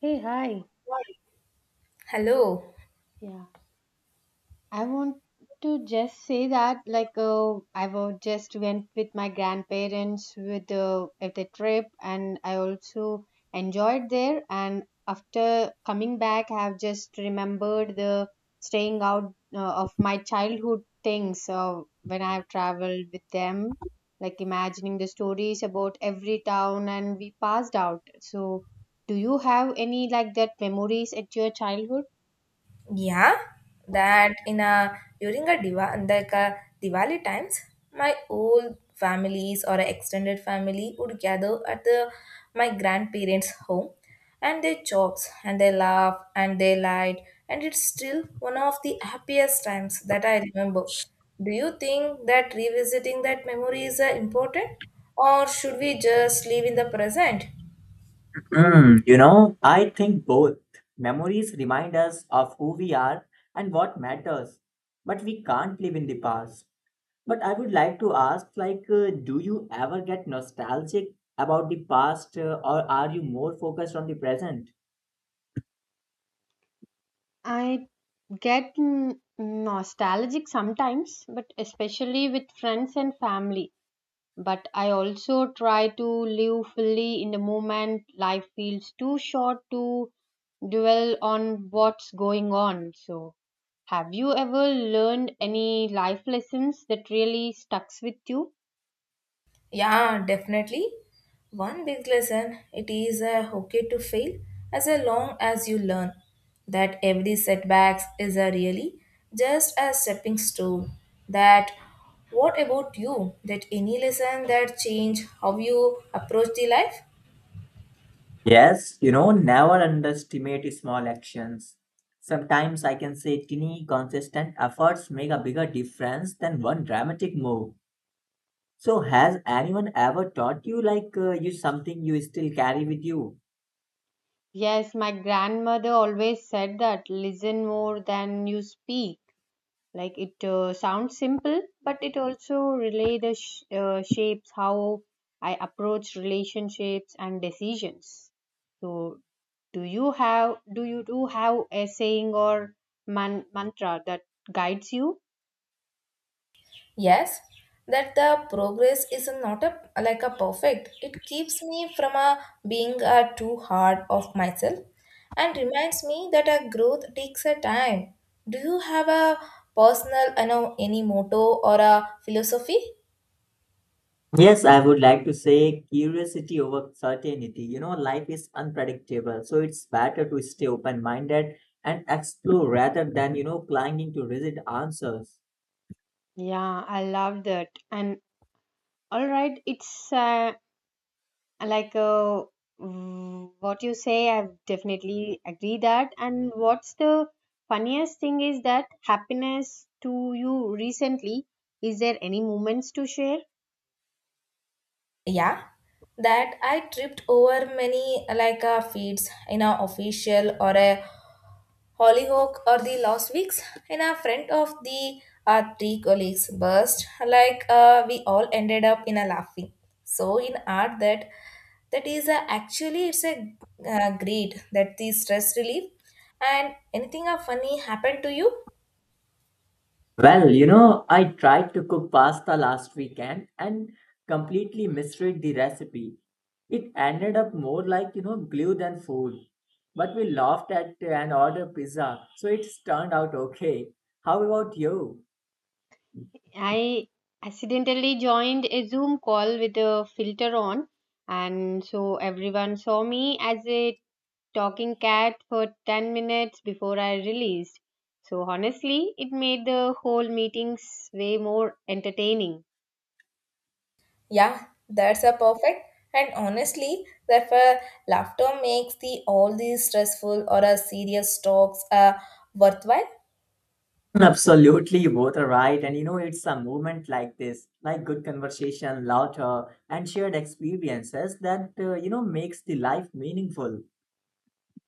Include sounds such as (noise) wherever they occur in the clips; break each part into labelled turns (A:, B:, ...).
A: Hey, hi.
B: Hello.
A: Yeah, I want to just say that I just went with my grandparents with at the trip, and I also enjoyed there, and after coming back I have just remembered the staying out of my childhood things. When I have traveled with them, like imagining the stories about every town and we passed out. So, do you have any like that memories at your childhood?
B: Yeah, that in a during a diva like a Diwali times, my old families or a extended family would gather at the my grandparents' home, and they chops and they laugh and they light, and it's still one of the happiest times that I remember. Do you think that revisiting that memory is important, or should we just live in the present?
C: Mm, you know, I think both. Memories remind us of who we are and what matters, but we can't live in the past. But I would like to ask, like, do you ever get nostalgic about the past, or are you more focused on the present?
A: I get nostalgic sometimes, but especially with friends and family. But I also try to live fully in the moment. Life feels too short to dwell on what's going on. So, have you ever learned any life lessons that really stucks with you?
B: Yeah, definitely. One big lesson it is okay to fail as long as you learn that every setback is a really just a stepping stone. That what about you? That any lesson that change how you approach the life?
C: Yes, you know, never underestimate small actions. Sometimes I can say tiny, consistent efforts make a bigger difference than one dramatic move. So, has anyone ever taught you like you something you still carry with you?
A: Yes, my grandmother always said that listen more than you speak. It sounds simple but it also relay the shapes how I approach relationships and decisions. So, do you do have a saying or mantra that guides you?
B: Yes, that the progress is not a like a perfect. It keeps me from a being a too hard of myself and reminds me that a growth takes a time. Do you have a personal any motto or a philosophy?
C: Yes, I would like to say curiosity over certainty. You know, life is unpredictable, so it's better to stay open minded and explore rather than, you know, clinging to rigid answers.
A: Yeah, I love that. And all right, like uh, what you say, I definitely agree that. And what's the funniest thing is that happiness to you recently? Is there any moments to share?
B: Yeah. That I tripped over many like a feeds in a official or a Hollyhock or the Lost Weeks, and a friend of the our three colleagues burst like we all ended up in a laughing. So in art that that is a, actually it's a great that the stress relief and anything a funny happened to you?
C: Well, you know, I tried to cook pasta last weekend and completely misread the recipe. It ended up more like, you know, glue than food. But we laughed at and ordered pizza, so it's turned out okay. How about you?
A: I accidentally joined a Zoom call with a filter on, and so everyone saw me as a talking cat for 10 minutes before I released. So honestly, it made the whole meetings way more entertaining.
B: Yeah, that's a perfect. And honestly, therefore, laughter makes the all these stressful or a serious talks worthwhile.
C: (laughs) Absolutely, both are right. And you know, it's a movement like this, like good conversation, laughter, and shared experiences that, you know, makes the life meaningful.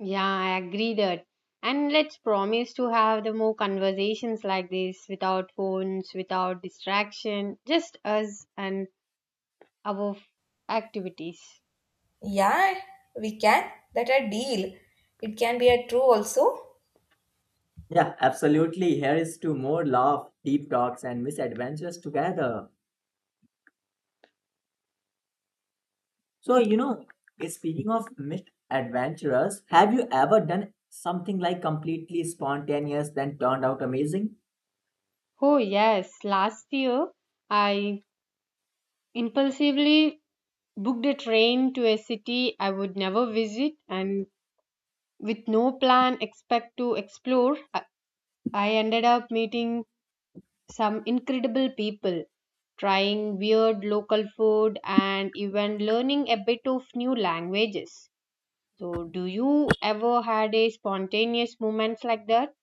A: Yeah, I agree that. And let's promise to have the more conversations like this without phones, without distraction, just us and our f- activities.
B: Yeah, we can. That a deal. It can be a true also.
C: Yeah, absolutely. Here is to more love, deep talks, and misadventures together. So, you know, speaking of misadventures, have you ever done something like completely spontaneous then turned out amazing?
A: Oh, yes, last year I impulsively booked a train to a city I would never visit and with no plan, expect to explore. I ended up meeting some incredible people, trying weird local food, and even learning a bit of new languages. So, do you ever had a spontaneous moments like that?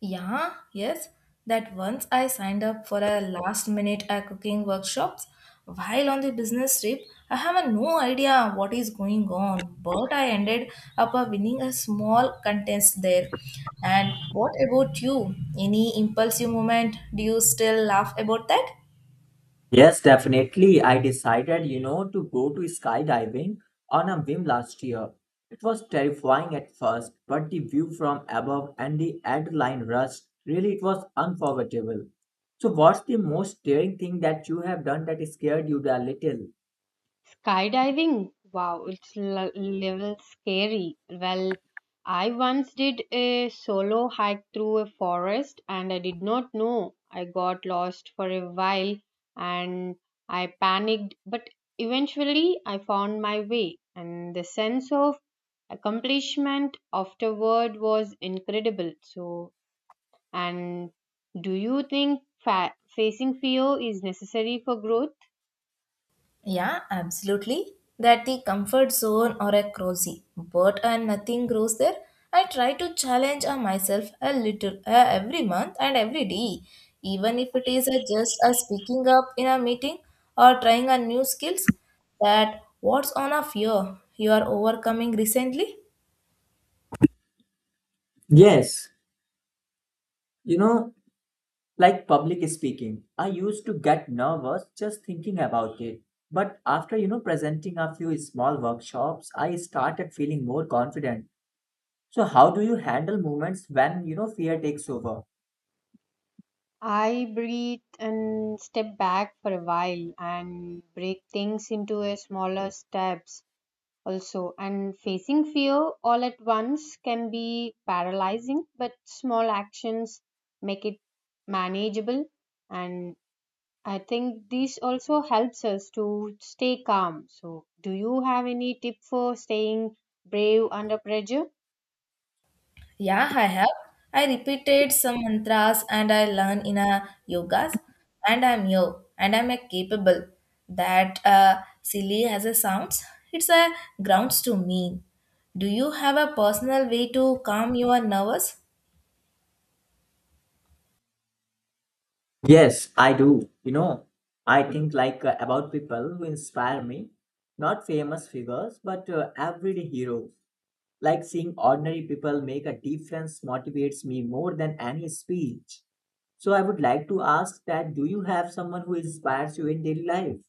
B: Yeah, yes, that once I signed up for a last minute cooking workshops while on the business trip, I have a no idea what is going on, but I ended up winning a small contest there. And what about you? Any impulsive moment? Do you still laugh about that?
C: Yes, definitely. I decided, you know, to go to skydiving on a whim last year. It was terrifying at first, but the view from above and the adrenaline rush, really, it was unforgettable. So, what's the most daring thing that you have done that scared you a little?
A: Skydiving? Wow, it's little scary. Well, I once did a solo hike through a forest and I did not know. I got lost for a while, and I panicked, but eventually I found my way. And the sense of accomplishment afterward was incredible. So, and do you think facing fear is necessary for growth?
B: Yeah, absolutely. That the comfort zone or a cozy, but and nothing grows there. I try to challenge myself a little every month and every day, even if it is just speaking up in a meeting or trying a new skills. That what's on a fear you are overcoming recently.
C: Yes, you know, like public speaking. I used to get nervous just thinking about it. But after, you know, presenting a few small workshops, I started feeling more confident. So how do you handle moments when you know fear takes over?
A: I breathe and step back for a while and break things into a smaller steps also, and facing fear all at once can be paralyzing, but small actions make it manageable. And I think this also helps us to stay calm. So, do you have any tip for staying brave under pressure?
B: Yeah, I have. I repeated some mantras and I learned in a yogas and I'm yo and I'm a capable. That silly has a sounds. It's a grounds to me. Do you have a personal way to calm your nervous?
C: Yes, I do. You know, I think like about people who inspire me, not famous figures, but everyday heroes. Like seeing ordinary people make a difference motivates me more than any speech. So I would like to ask that do you have someone who inspires you in daily life?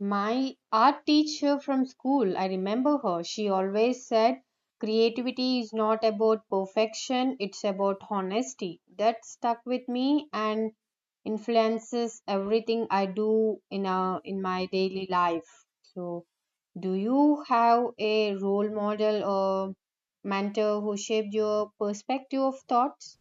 A: My art teacher from school, I remember her. She always said creativity is not about perfection, it's about honesty. That stuck with me and influences everything I do in my daily life. So, do you have a role model or mentor who shaped your perspective of thoughts?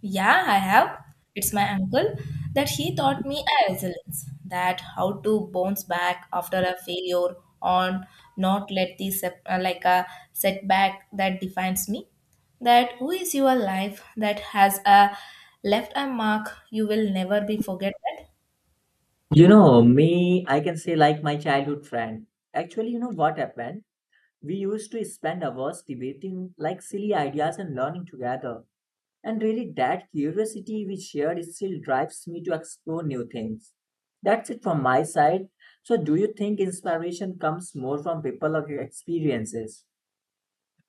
B: Yeah, I have. It's my uncle that he taught me a resilience, that how to bounce back after a failure or not let the like a setback that defines me. That who is your life that has a left a mark you will never be forget that.
C: You know, me, I can say like my childhood friend. Actually, you know what happened? We used to spend hours debating like silly ideas and learning together. And really, that curiosity we shared still drives me to explore new things. That's it from my side. So, do you think inspiration comes more from people of your experiences?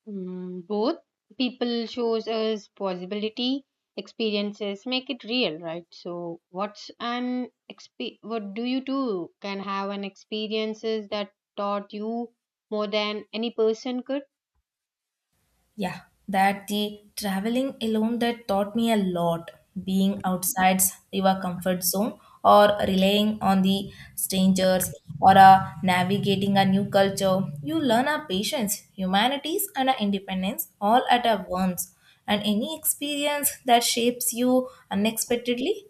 A: Mm, both. People shows us possibility, experiences make it real, right? So what's an exp what do you do can have an experiences that taught you more than any person could.
B: Yeah, that the traveling alone that taught me a lot. Being outside your comfort zone or relying on the strangers or navigating a new culture, you learn our patience, humanities, and our independence all at a once. And any experience that shapes you unexpectedly.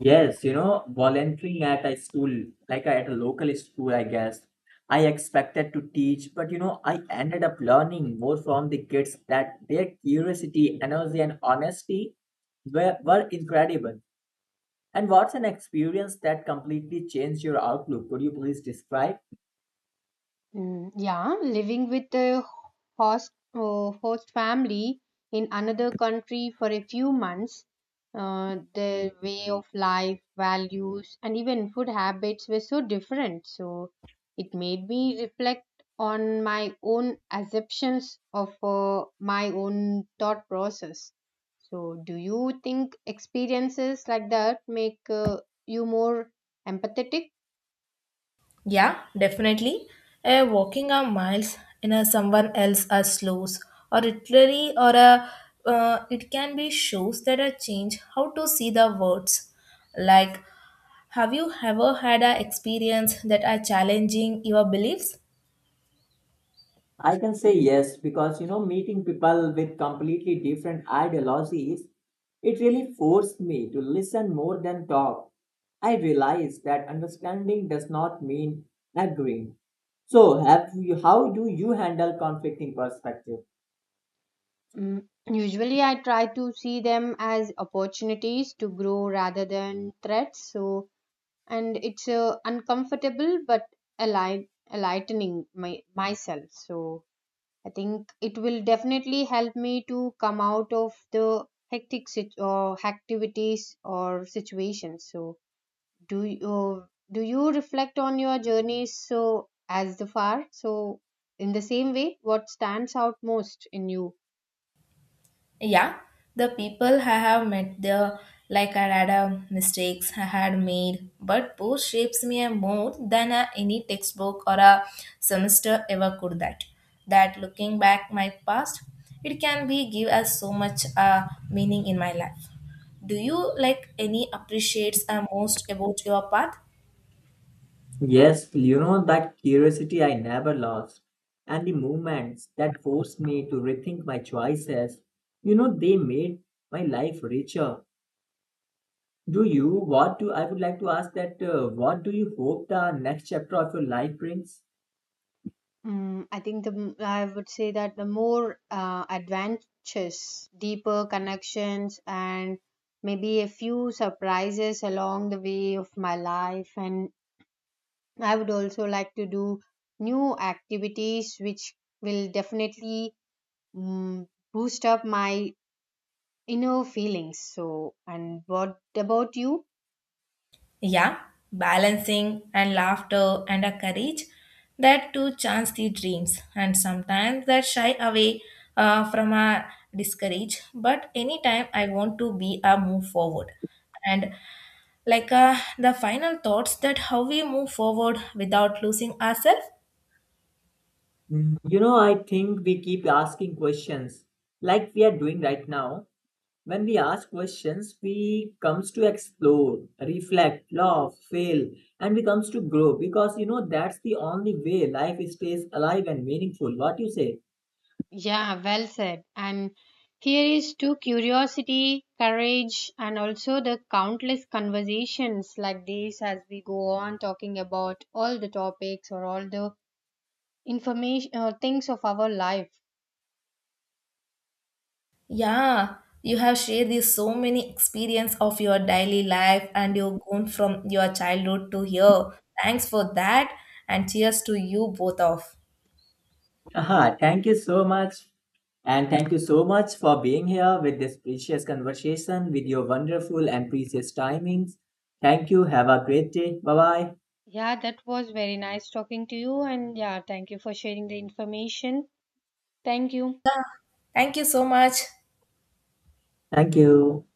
C: Yes, you know, volunteering at a school, like at a local school, I guess. I expected to teach, but you know, I ended up learning more from the kids that their curiosity, energy, and honesty were incredible. And what's an experience that completely changed your outlook? Could you please describe?
A: Mm, yeah, living with a host host family in another country for a few months. Their way of life, values, and even food habits were so different. So it made me reflect on my own assumptions of my own thought process. So, do you think experiences like that make you more empathetic?
B: Yeah, definitely. Walking a miles in a someone else a slows or literally or a it can be shows that a change how to see the words. Like, have you ever had a experience that are challenging your beliefs?
C: I can say yes, because you know, meeting people with completely different ideologies, it really forced me to listen more than talk. I realized that understanding does not mean agreeing. So, how do you handle conflicting perspectives?
A: Mm, usually, I try to see them as opportunities to grow rather than threats. So, and it's uncomfortable but enlightening myself. So, I think it will definitely help me to come out of the hectic or activities or situations. So, do you do you reflect on your journeys so as the far? So, in the same way, what stands out most in you?
B: Yeah, the people I have met there, like I had a mistakes I had made, but both shapes me more than a, any textbook or a semester ever could. That looking back my past, it can be give us so much meaning in my life. Do you like any appreciates most about your path?
C: Yes, you know that curiosity I never lost, and the moments that forced me to rethink my choices, you know, they made my life richer. Do you? What do I would like to ask that? What do you hope the next chapter of your life brings?
A: Mm, I think I would say that the more adventures, deeper connections, and maybe a few surprises along the way of my life. And I would also like to do new activities, which will definitely, mm, boost up my inner feelings. So, and what about you?
B: Yeah, balancing and laughter and a courage that to chance the dreams and sometimes that shy away from a discourage. But anytime I want to be a move forward and the final thoughts that how we move forward without losing ourselves.
C: Mm, you know, I think we keep asking questions like we are doing right now. When we ask questions, we comes to explore, reflect, laugh, fail, and we comes to grow because you know that's the only way life stays alive and meaningful. What you say?
A: Yeah, well said. And here is to curiosity, courage, and also the countless conversations like this as we go on talking about all the topics or all the information or things of our life.
B: Yeah, you have shared this so many experience of your daily life and you've gone from your childhood to here. Thanks for that and cheers to you both of.
C: Aha, thank you so much. And thank you so much for being here with this precious conversation, with your wonderful and precious timings. Thank you. Have a great day. Bye bye.
A: Yeah, that was very nice talking to you. And yeah, thank you for sharing the information. Thank you.
B: Thank you so much.
C: Thank you.